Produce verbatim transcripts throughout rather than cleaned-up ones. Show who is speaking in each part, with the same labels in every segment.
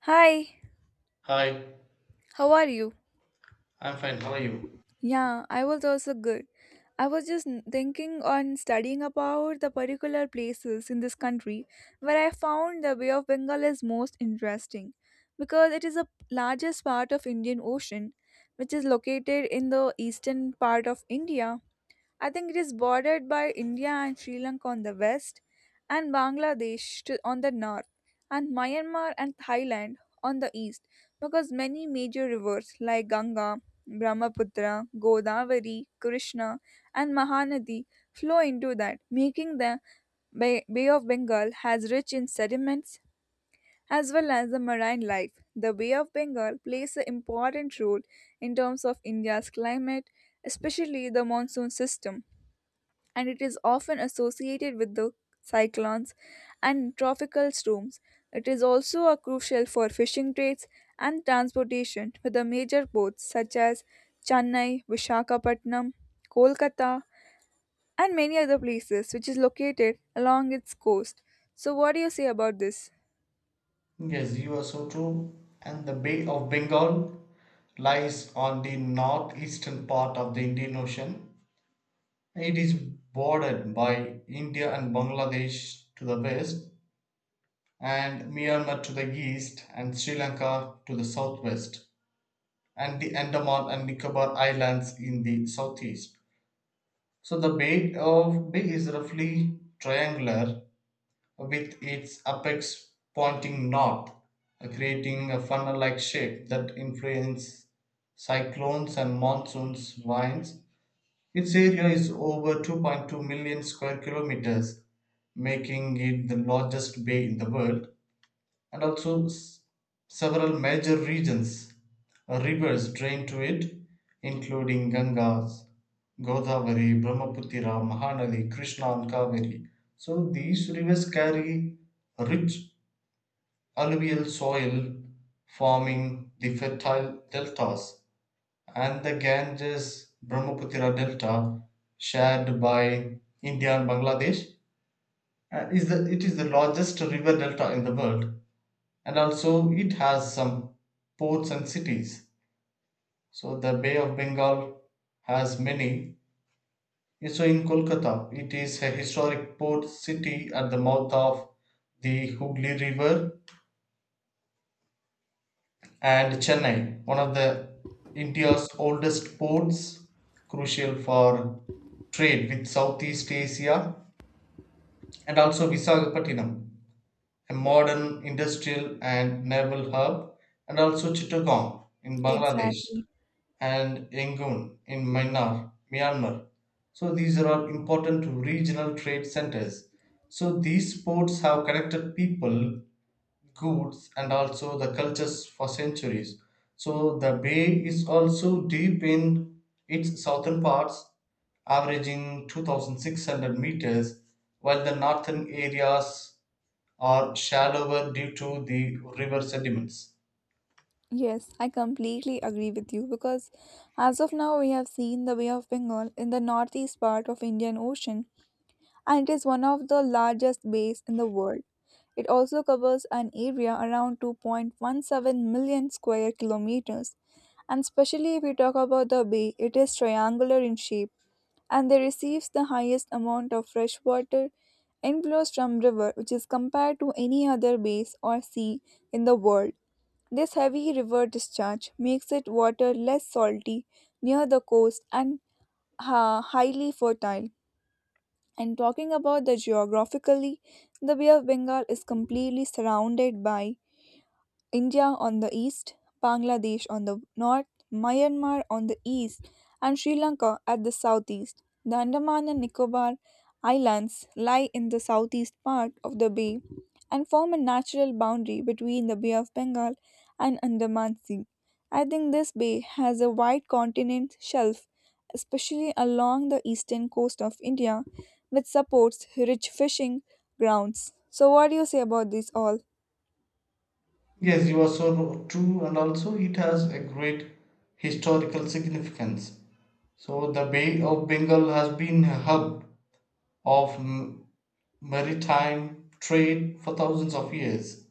Speaker 1: Hi,
Speaker 2: Hi,
Speaker 1: how are you?
Speaker 2: I'm fine. How are you?
Speaker 1: Yeah, I was also good. I was just n- thinking on studying about the particular places in this country where I found the Bay of Bengal is most interesting because it is the largest part of Indian Ocean which is located in the eastern part of India. I think it is bordered by India and Sri Lanka on the west, and Bangladesh to, on the north, and Myanmar and Thailand on the east, because many major rivers like Ganga, Brahmaputra, Godavari, Krishna, and Mahanadi flow into that, making the Bay, Bay of Bengal has rich in sediments as well as the marine life. The Bay of Bengal plays an important role in terms of India's climate, especially the monsoon system, and it is often associated with the cyclones and tropical storms. It is also a crucial for fishing trades and transportation with the major ports such as Chennai, Visakhapatnam, Kolkata, and many other places which is located along its coast. So what do you say about this?
Speaker 2: Yes, you are so true. And the Bay of Bengal lies on the northeastern part of the Indian Ocean. It is bordered by India and Bangladesh to the west, and Myanmar to the east, and Sri Lanka to the southwest, and the Andaman and Nicobar Islands in the southeast. So the Bay of Bay is roughly triangular with its apex pointing north, creating a funnel like shape that influences cyclones and monsoons winds. Its area is over 2.2 million square kilometers, making it the largest bay in the world, and also s- several major regions uh, rivers drain to it, including Gangas, Godavari, Brahmaputra, Mahanadi, Krishna, and Kaveri. So these rivers carry rich alluvial soil, forming the fertile deltas, and the Ganges Brahmaputra delta, shared by India and Bangladesh, uh, is the, it is the largest river delta in the world. And also it has some ports and cities. So the Bay of Bengal has many. So in Kolkata, it is a historic port city at the mouth of the Hooghly river. And Chennai, one of the India's oldest ports, crucial for trade with Southeast Asia. And also Visakhapatnam, a modern industrial and naval hub. And also Chittagong in Bangladesh,
Speaker 1: Exactly.
Speaker 2: and Yangon in Myanmar, Myanmar. So these are all important regional trade centers. So these ports have connected people, goods, and also the cultures for centuries. So the bay is also deep in its southern parts, averaging two thousand six hundred meters, while the northern areas are shallower due to the river sediments.
Speaker 1: Yes, I completely agree with you because as of now we have seen the Bay of Bengal in the northeast part of Indian Ocean, and it is one of the largest bays in the world. It also covers an area around two point one seven million square kilometers, and especially if we talk about the bay, it is triangular in shape and they receives the highest amount of fresh water inflows from river which is compared to any other base or sea in the world. This heavy river discharge makes it water less salty near the coast and uh, highly fertile. And talking about the geographically, the Bay of Bengal is completely surrounded by India on the east, Bangladesh on the north, Myanmar on the east, and Sri Lanka at the southeast. The Andaman and Nicobar Islands lie in the southeast part of the bay and form a natural boundary between the Bay of Bengal and Andaman Sea. I think this bay has a wide continent shelf, especially along the eastern coast of India, which supports rich fishing grounds. So, what do you say about this all?
Speaker 2: Yes, you are so true, and also it has a great historical significance. So, the Bay of Bengal has been a hub of m- maritime trade for thousands of years.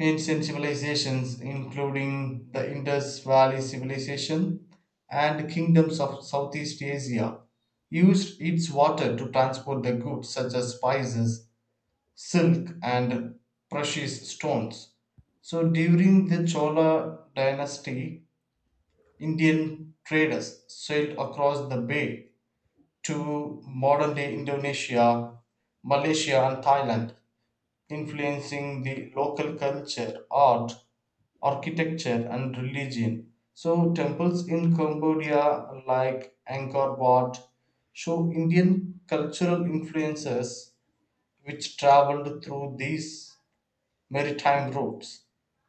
Speaker 2: Ancient civilizations, including the Indus Valley Civilization and kingdoms of Southeast Asia, used its water to transport the goods such as spices, silk, and precious stones. So during the Chola dynasty, Indian traders sailed across the bay to modern day Indonesia, Malaysia, and Thailand, influencing the local culture, art, architecture, and religion. So, temples in Cambodia like Angkor Wat show Indian cultural influences which traveled through these maritime routes.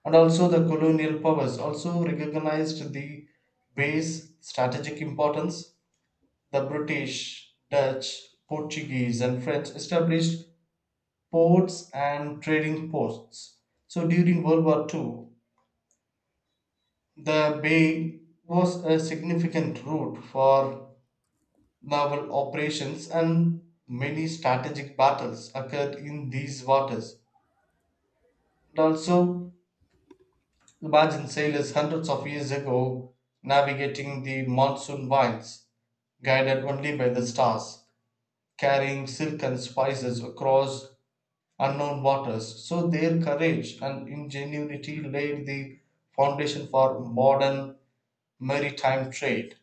Speaker 2: And also the colonial powers also recognized the bay's strategic importance. The British, Dutch, Portuguese, and French established ports and trading posts. So during World War Two, the bay was a significant route for naval operations, and many strategic battles occurred in these waters. And also the imagine sailors hundreds of years ago, navigating the monsoon winds, guided only by the stars, carrying silk and spices across unknown waters. So their courage and ingenuity laid the foundation for modern maritime trade.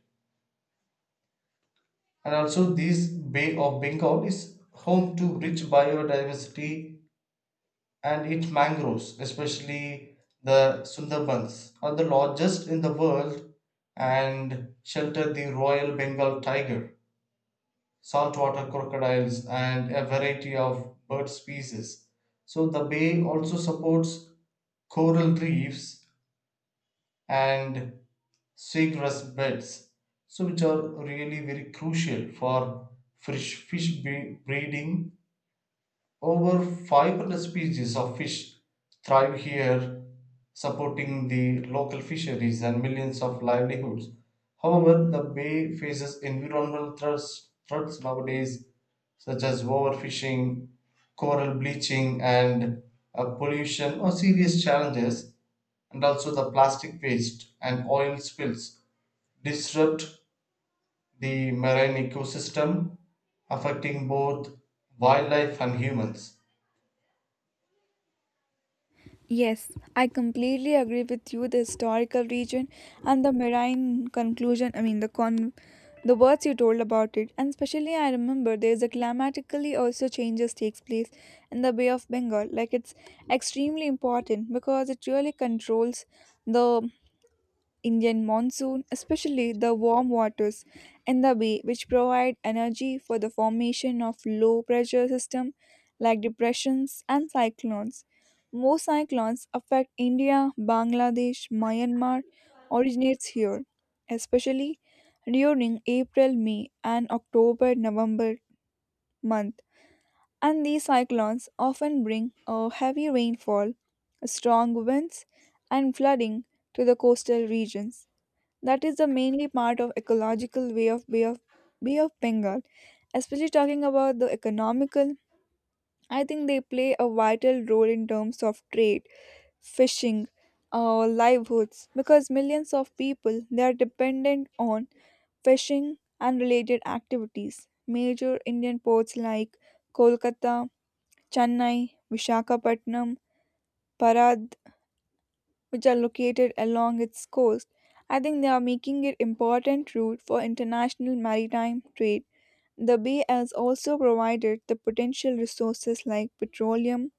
Speaker 2: And also, this Bay of Bengal is home to rich biodiversity, and its mangroves, especially the Sundarbans, are the largest in the world and shelter the Royal Bengal tiger, saltwater crocodiles, and a variety of bird species. So, the bay also supports coral reefs and seagrass beds, so which are really very crucial for fish, fish bre- breeding. Over five hundred species of fish thrive here, supporting the local fisheries and millions of livelihoods. However, the bay faces environmental threats, threats nowadays, such as overfishing, coral bleaching, and uh, pollution are serious challenges. And also the plastic waste and oil spills disrupt the marine ecosystem, affecting both wildlife and humans.
Speaker 1: Yes, I completely agree with you. The historical region and the marine conclusion, I mean, the con the words you told about it, and especially I remember there's a climatically also changes takes place in the Bay of Bengal. Like it's extremely important because it really controls the Indian monsoon, especially the warm waters in the bay, which provide energy for the formation of low pressure system like depressions and cyclones. Most cyclones affect India, Bangladesh, Myanmar originates here, especially during April, May and October, November month. And these cyclones often bring a heavy rainfall, strong winds and flooding to the coastal regions. That is the mainly part of ecological way of Bay of Bay of Bengal. Especially talking about the economical, I think they play a vital role in terms of trade, fishing, uh, livelihoods because millions of people they are dependent on fishing and related activities. Major Indian ports like Kolkata, Chennai, Visakhapatnam, Parad which are located along its coast. I think they are making it important route for international maritime trade. The bay has also provided the potential resources like petroleum,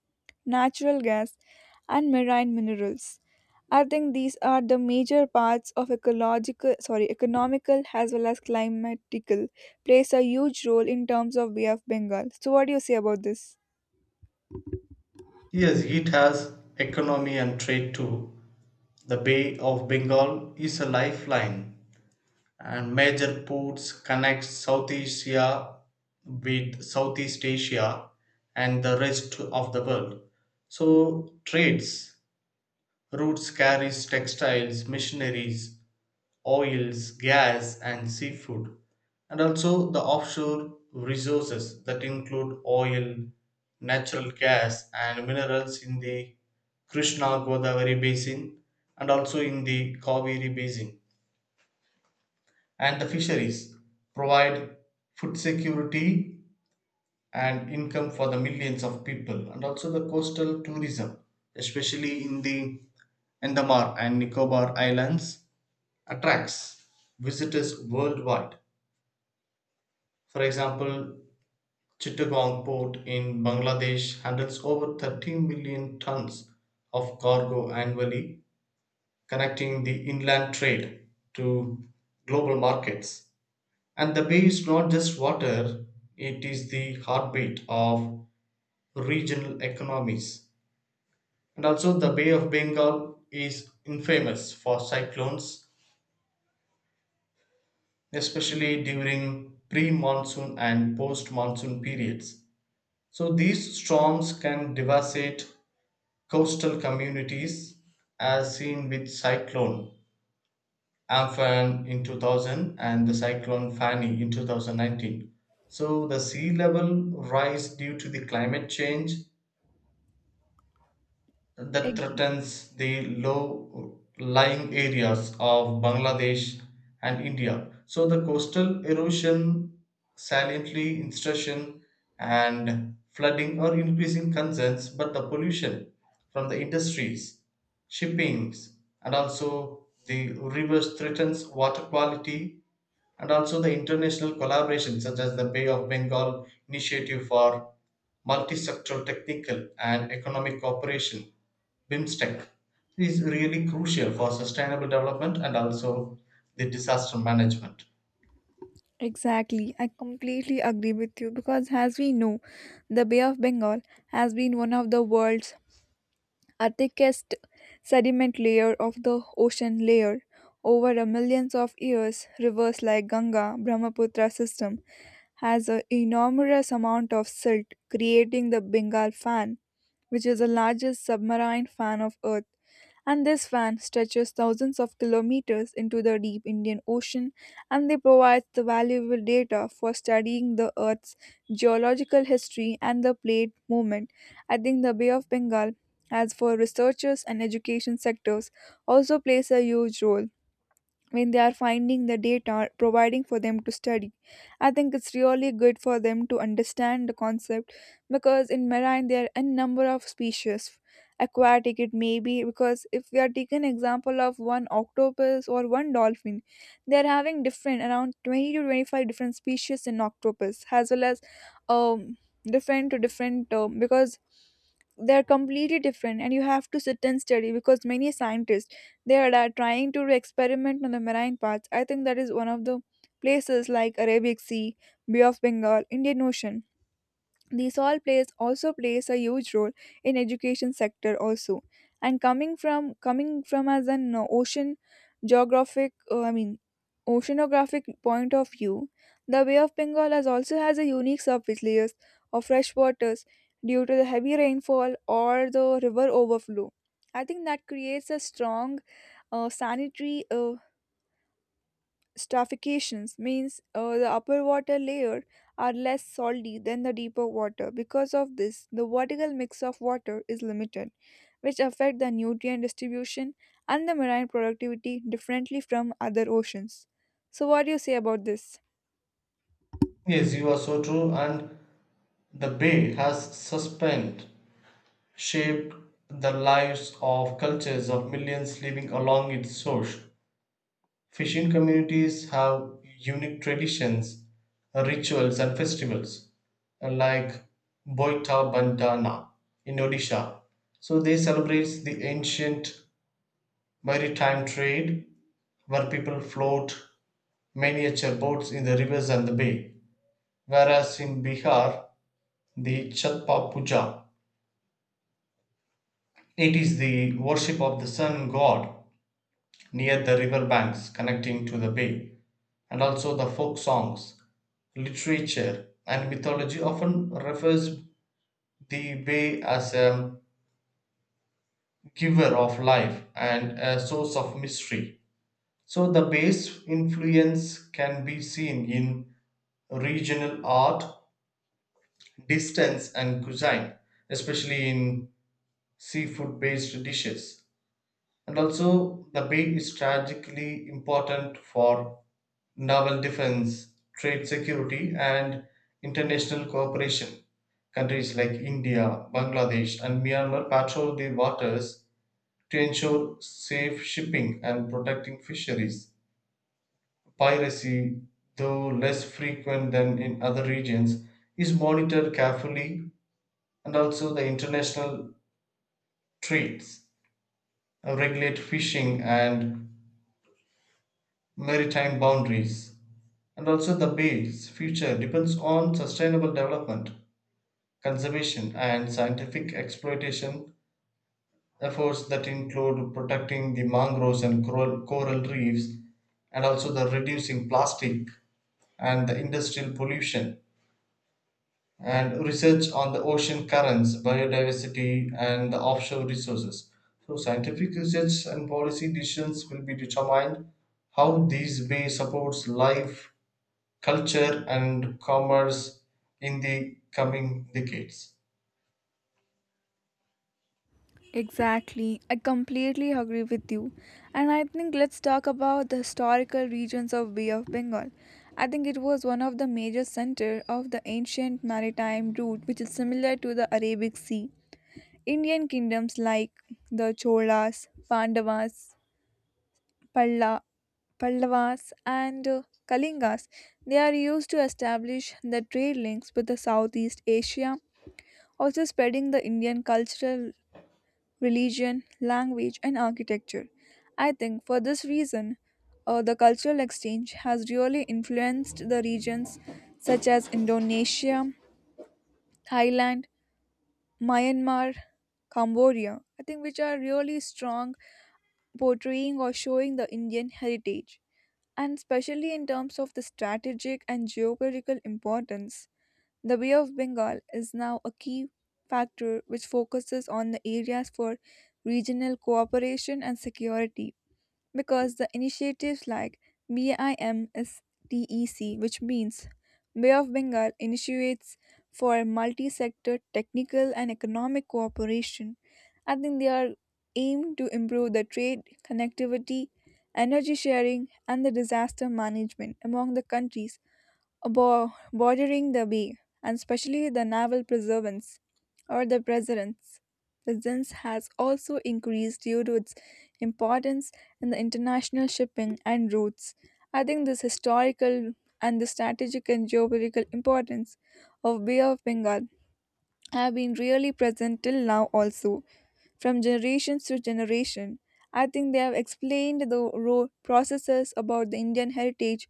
Speaker 1: natural gas, and marine minerals. I think these are the major parts of ecological, sorry, economical as well as climatical plays a huge role in terms of Bay of Bengal. So, what do you say about this?
Speaker 2: Yes, it has economy and trade too. The Bay of Bengal is a lifeline, and major ports connect South Asia with Southeast Asia and the rest of the world. So, trades routes carries textiles, missionaries, oils, gas, and seafood, and also the offshore resources that include oil, natural gas, and minerals in the Krishna Godavari basin, and also in the Kaveri basin. And the fisheries provide food security and income for the millions of people, and also the coastal tourism, especially in the Andaman and Nicobar Islands, attracts visitors worldwide. For example, Chittagong port in Bangladesh handles over 13 million tons of cargo annually, connecting the inland trade to global markets. And the bay is not just water, it is the heartbeat of regional economies. And also, the Bay of Bengal is infamous for cyclones, especially during pre monsoon and post monsoon periods. So these storms can devastate coastal communities, as seen with cyclone Amphan in two thousand and the cyclone Fani in two thousand nineteen. So the sea level rise due to the climate change that threatens the low lying areas of Bangladesh and India. So the coastal erosion, saliently instruction and flooding are increasing concerns, but the pollution from the industries, shippings, and also the rivers threatens water quality. And also the international collaboration such as the Bay of Bengal Initiative for Multisectoral Technical and Economic Cooperation, BIMSTEC, is really crucial for sustainable development and also the disaster management.
Speaker 1: Exactly, I completely agree with you because, as we know, the Bay of Bengal has been one of the world's uh, thickest sediment layer of the ocean layer. Over a millions of years, rivers like Ganga Brahmaputra system has an enormous amount of silt, creating the Bengal fan, which is the largest submarine fan of Earth. And this fan stretches thousands of kilometers into the deep Indian Ocean and they provide the valuable data for studying the Earth's geological history and the plate movement. I think the Bay of Bengal, as for researchers and education sectors, also plays a huge role when they are finding the data providing for them to study. I think it's really good for them to understand the concept because in marine there are a number of species aquatic it may be because if we are taking example of one octopus or one dolphin they are having different around twenty to twenty-five different species in octopus as well as um different to different um, because they're completely different and you have to sit and study because many scientists they are da- trying to experiment on the marine parts. I think that is one of the places like Arabic Sea, Bay of Bengal, Indian Ocean these all plays also plays a huge role in education sector also, and coming from coming from as an uh, ocean geographic uh, I mean oceanographic point of view the Bay of Bengal has also has a unique surface layers of fresh waters due to the heavy rainfall or the river overflow. I think that creates a strong uh, sanitary uh, stratifications means uh, the upper water layer are less salty than the deeper water. Because of this, the vertical mix of water is limited, which affect the nutrient distribution and the marine productivity differently from other oceans. So what do you say about this?
Speaker 2: Yes, you are so true, and the bay has suspended shaped the lives of cultures of millions living along its source. Fishing communities have unique traditions, rituals, and festivals, like Boita Bandana in Odisha. So they celebrate the ancient maritime trade where people float miniature boats in the rivers and the bay. Whereas in Bihar, the Chatpa Puja, it is the worship of the sun god near the river banks connecting to the bay. And also the folk songs, literature and mythology often refers the bay as a giver of life and a source of mystery. So the bay's influence can be seen in regional art, distance and cuisine, especially in seafood based dishes. And also the bay is tragically important for naval defense, trade security, and international cooperation. Countries like India, Bangladesh, and Myanmar patrol the waters to ensure safe shipping and protecting fisheries. Piracy, though less frequent than in other regions, is monitored carefully, and also the international trades uh, regulate fishing and maritime boundaries. And also, the bay's future depends on sustainable development, conservation and scientific exploitation efforts that include protecting the mangroves and coral, coral reefs, and also the reducing plastic and the industrial pollution, and research on the ocean currents, biodiversity and the offshore resources. So scientific research and policy decisions will be determined how these way supports life, culture and commerce in the coming decades.
Speaker 1: Exactly. I completely agree with you. And I think let's talk about the historical regions of Bay of Bengal. I think it was one of the major center of the ancient maritime route which is similar to the Arabic Sea. Indian kingdoms like the Cholas, Pandavas, Palla, Pallavas, and uh, Kalingas, they are used to establish the trade links with the Southeast Asia, also spreading the Indian cultural, religion, language, and architecture. I think for this reason, uh, the cultural exchange has really influenced the regions such as Indonesia, Thailand, Myanmar, Cambodia. I think which are really strong portraying or showing the Indian heritage. And especially in terms of the strategic and geopolitical importance, the Bay of Bengal is now a key factor which focuses on the areas for regional cooperation and security because the initiatives like BIMSTEC, which means Bay of Bengal initiates for multi sector technical and economic cooperation, I think they are aimed to improve the trade, connectivity, energy sharing, and the disaster management among the countries abo- bordering the bay, and especially the naval preservance or the presence. Presence has also increased due to its importance in the international shipping and routes. I think this historical and the strategic and geopolitical importance of Bay of Bengal have been really present till now also from generations to generation. I think they have explained the raw processes about the Indian heritage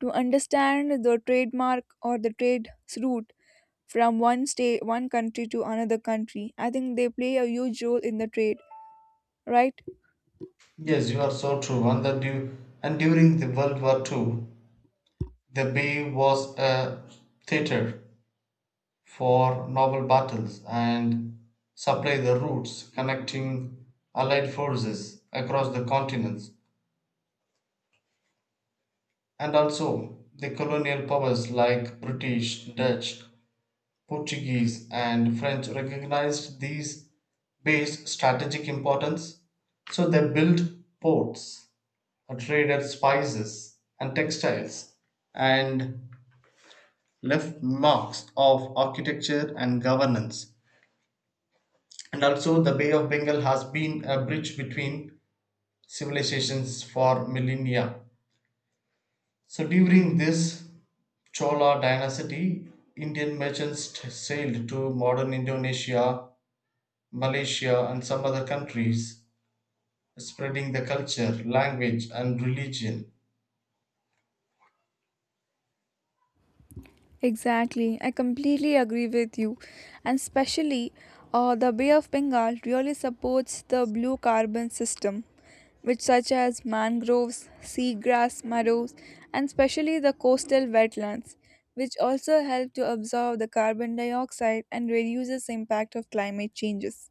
Speaker 1: to understand the trademark or the trade's route from one state, one country to another country. I think they play a huge role in the trade, right?
Speaker 2: Yes, you are so true. And that you and during the World War Two, the bay was a theater for naval battles and supplied the routes connecting Allied forces across the continents. And also, the colonial powers like British, Dutch, Portuguese, and French recognized these bays' strategic importance. So they built ports, traded spices and textiles, and left marks of architecture and governance. And also, the Bay of Bengal has been a bridge between civilizations for millennia. So, during this Chola dynasty, Indian merchants sailed to modern Indonesia, Malaysia, and some other countries, spreading the culture, language, and religion.
Speaker 1: Exactly. I completely agree with you. And especially, uh, the Bay of Bengal really supports the blue carbon system which such as mangroves, seagrass meadows, and especially the coastal wetlands, which also help to absorb the carbon dioxide and reduces the impact of climate changes.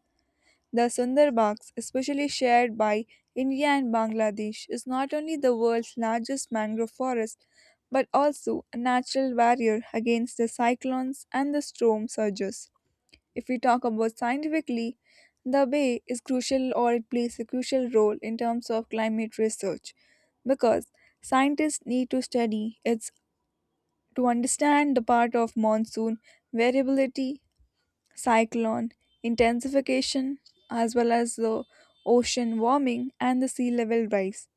Speaker 1: The Sundarbans, especially shared by India and Bangladesh, is not only the world's largest mangrove forest but also a natural barrier against the cyclones and the storm surges. If we talk about scientifically, the bay is crucial or it plays a crucial role in terms of climate research because scientists need to study its to understand the part of monsoon variability, cyclone intensification, as well as the ocean warming and the sea level rise.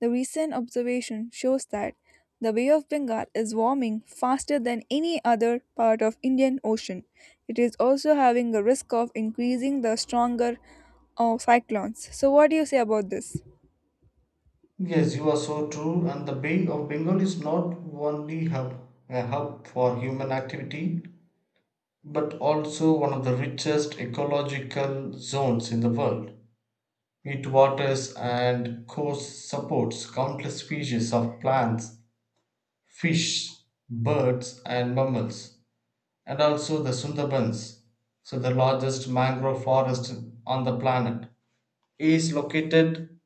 Speaker 1: The recent observation shows that the Bay of Bengal is warming faster than any other part of Indian Ocean. It is also having a risk of increasing the stronger uh, cyclones. So what do you say about this?
Speaker 2: Yes, you are so true. And the Bay of Bengal is not only hub, a hub for human activity, but also one of the richest ecological zones in the world. It waters and coast supports countless species of plants, fish, birds, and mammals, and also the Sundarbans, so the largest mangrove forest on the planet, is located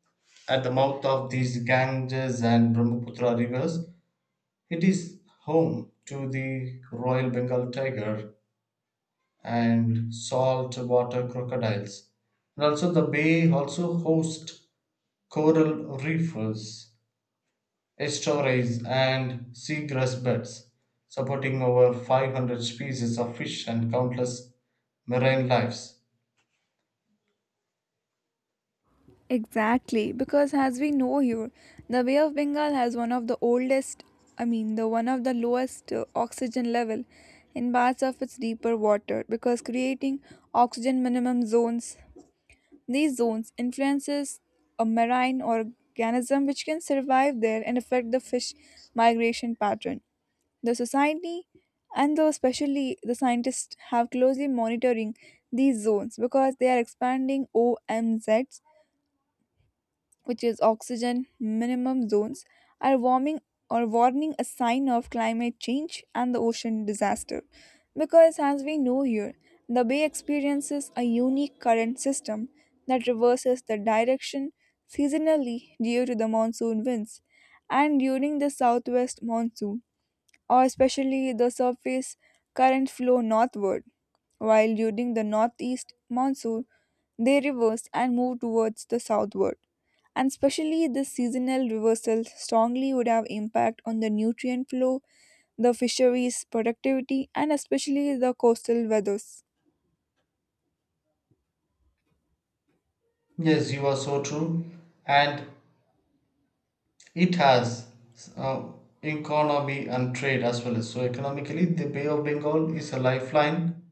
Speaker 2: at the mouth of these Ganges and Brahmaputra rivers. It is home to the Royal Bengal tiger and saltwater crocodiles. And also the bay also hosts coral reefs, estuaries and seagrass beds, supporting over five hundred species of fish and countless marine lives.
Speaker 1: Exactly, because as we know here, the Bay of Bengal has one of the oldest, I mean, the one of the lowest uh, oxygen level in parts of its deeper water because creating oxygen minimum zones. These zones influences a marine organism which can survive there and affect the fish migration pattern. The society and though especially the scientists have closely monitoring these zones because they are expanding O M Zs which is oxygen minimum zones, are warming or warning a sign of climate change and the ocean disaster. Because, as we know here, the bay experiences a unique current system that reverses the direction seasonally due to the monsoon winds. And during the southwest monsoon, or especially the surface current flow northward, while during the northeast monsoon they reverse and move towards the southward. And especially this seasonal reversal strongly would have impact on the nutrient flow, the fisheries productivity, and especially the coastal weathers.
Speaker 2: Yes, you are so true. And it has uh, economy and trade as well. So economically, the Bay of Bengal is a lifeline.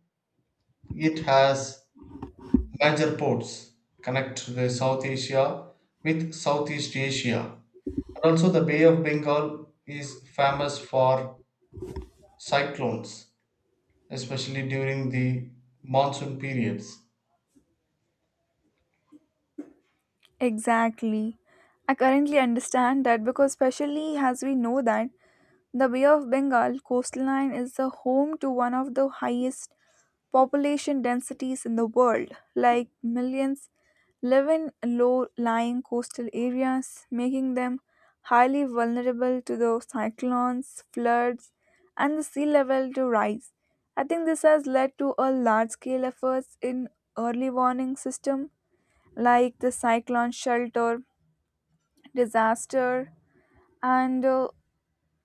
Speaker 2: It has major ports connect the South Asia with Southeast Asia. And also the Bay of Bengal is famous for cyclones, especially during the monsoon periods.
Speaker 1: Exactly. I currently understand that because especially as we know that the Bay of Bengal coastline is the home to one of the highest population densities in the world, like millions live in low lying coastal areas, making them highly vulnerable to the cyclones, floods, and the sea level to rise. I think this has led to a large scale efforts in early warning system like the cyclone shelter, disaster, and uh,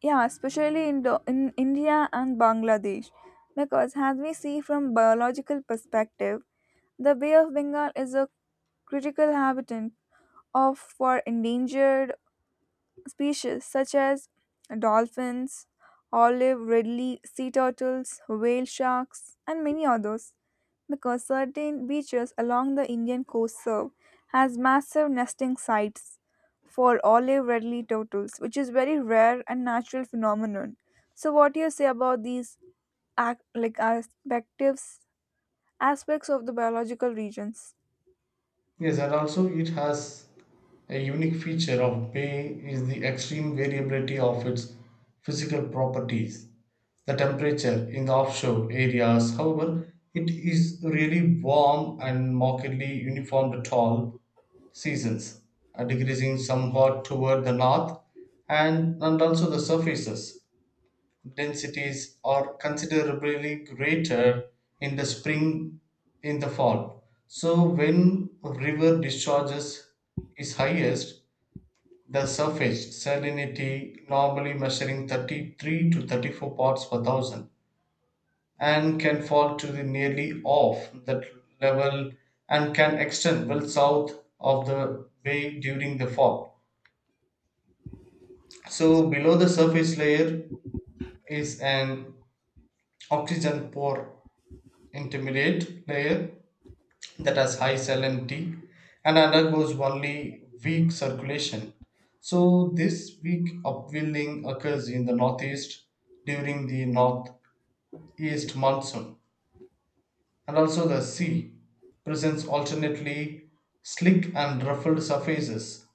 Speaker 1: yeah, especially in, the, in India and Bangladesh. Because as we see from biological perspective, the Bay of Bengal is a critical habitat of for endangered species such as dolphins, olive ridley sea turtles, whale sharks, and many others because certain beaches along the Indian coast serve as massive nesting sites for olive ridley turtles, which is very rare and natural phenomenon. So, what do you say about these ac- like aspects aspects of the biological regions?
Speaker 2: Yes, and also it has a unique feature of bay is the extreme variability of its physical properties. The temperature in the offshore areas, however, it is really warm and markedly uniform at all seasons, are decreasing somewhat toward the north, and, and also the surfaces. Densities are considerably greater in the spring in the fall. So when river discharges is highest, the surface salinity normally measuring thirty-three to thirty-four parts per thousand and can fall to the nearly off that level, and can extend well south of the bay during the fall. So below the surface layer is an oxygen poor intermediate layer that has high salinity and undergoes only weak circulation. So this weak upwelling occurs in the northeast during the northeast monsoon. And also the sea presents alternately slick and ruffled surfaces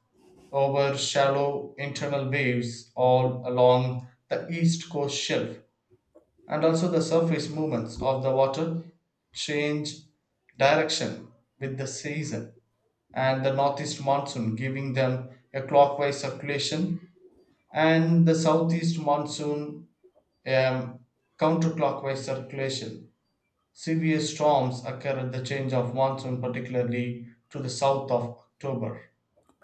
Speaker 2: over shallow internal waves all along the east coast shelf, and also the surface movements of the water change direction with the season, and the northeast monsoon giving them a clockwise circulation and the southeast monsoon um, counterclockwise circulation. Severe storms occur at the change of monsoon, particularly to the south of October.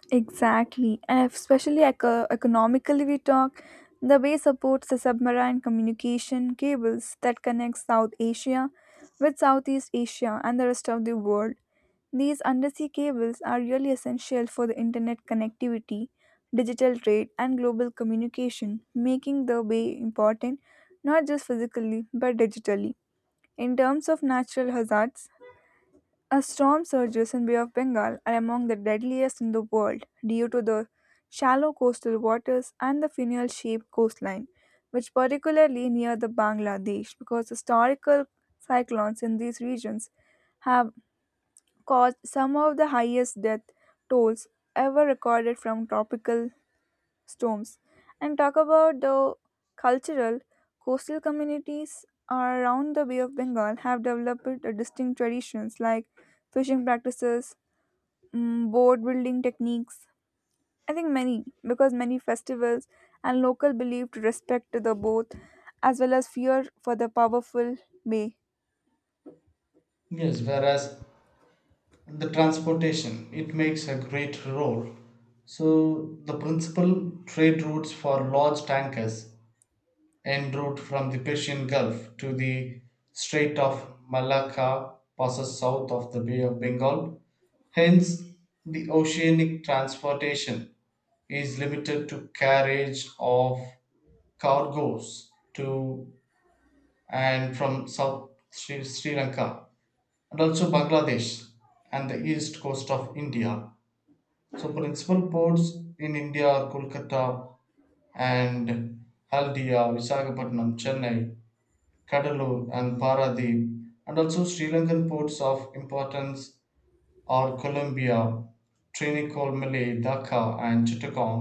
Speaker 1: Exactly, and especially eco- economically, we talk. The bay supports the submarine communication cables that connect South Asia with Southeast Asia and the rest of the world. These undersea cables are really essential for the internet connectivity, digital trade, and global communication, making the bay important not just physically but digitally. In terms of natural hazards, a storm surges in Bay of Bengal are among the deadliest in the world due to the shallow coastal waters and the funnel-shaped coastline, which particularly near the Bangladesh because historical cyclones in these regions have caused some of the highest death tolls ever recorded from tropical storms. And talk about the cultural coastal communities around the Bay of Bengal have developed a distinct traditions like fishing practices, mm, board building techniques. I think many, because many festivals and local belief to respect the both, as well as fear for the powerful may.
Speaker 2: Yes, whereas the transportation it makes a great role. So the principal trade routes for large tankers en route from the Persian Gulf to the Strait of Malacca passes south of the Bay of Bengal. Hence the oceanic transportation is limited to carriage of cargoes to and from south sri, Sri Lanka, and also Bangladesh and the east coast of India. So principal ports in India are Kolkata and Haldia, Visakhapatnam, Chennai, Kadalur and Paradip. And also Sri Lankan ports of importance are Colombia, Trincomalee, Dhaka and Chittagong,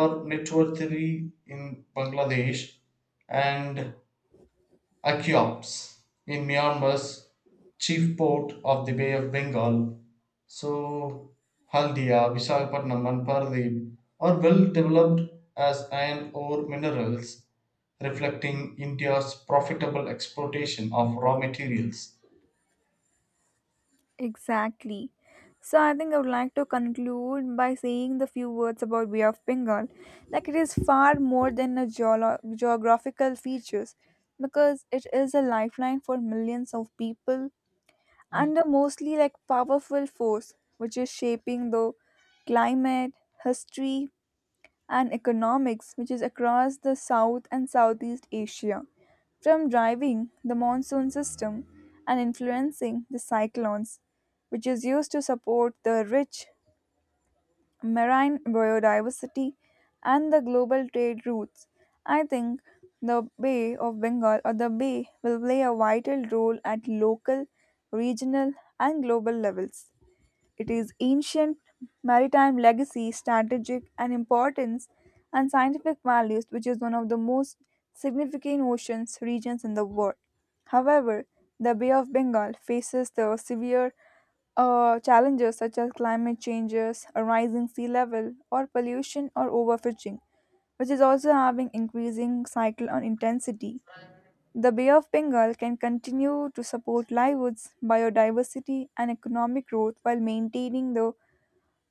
Speaker 2: or network three in Bangladesh and Akiops in Myanmar's chief port of the Bay of Bengal. So, Haldia, Visakhapatnam, and Paradip are well developed as iron ore minerals, reflecting India's profitable exploitation of raw materials.
Speaker 1: Exactly. So I think I would like to conclude by saying the few words about Bay of Bengal. Like it is far more than a geolo- geographical features, because it is a lifeline for millions of people and a mostly like powerful force which is shaping the climate, history, and economics which is across the South and Southeast Asia, from driving the monsoon system and influencing the cyclones, which is used to support the rich marine biodiversity and the global trade routes. I think the Bay of Bengal or the Bay will play a vital role at local, regional, and global levels. It is ancient maritime legacy, strategic and importance, and scientific values, which is one of the most significant oceans regions in the world. However, the Bay of Bengal faces the severe uh, challenges such as climate changes, a rising sea level, or pollution or overfishing, which is also having increasing cycle on intensity. The Bay of Bengal can continue to support livelihoods, biodiversity, and economic growth while maintaining the,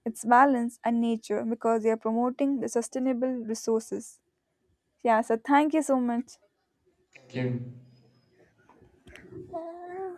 Speaker 1: its balance and nature because they are promoting the sustainable resources. Yeah, so thank you so much.
Speaker 2: Thank you.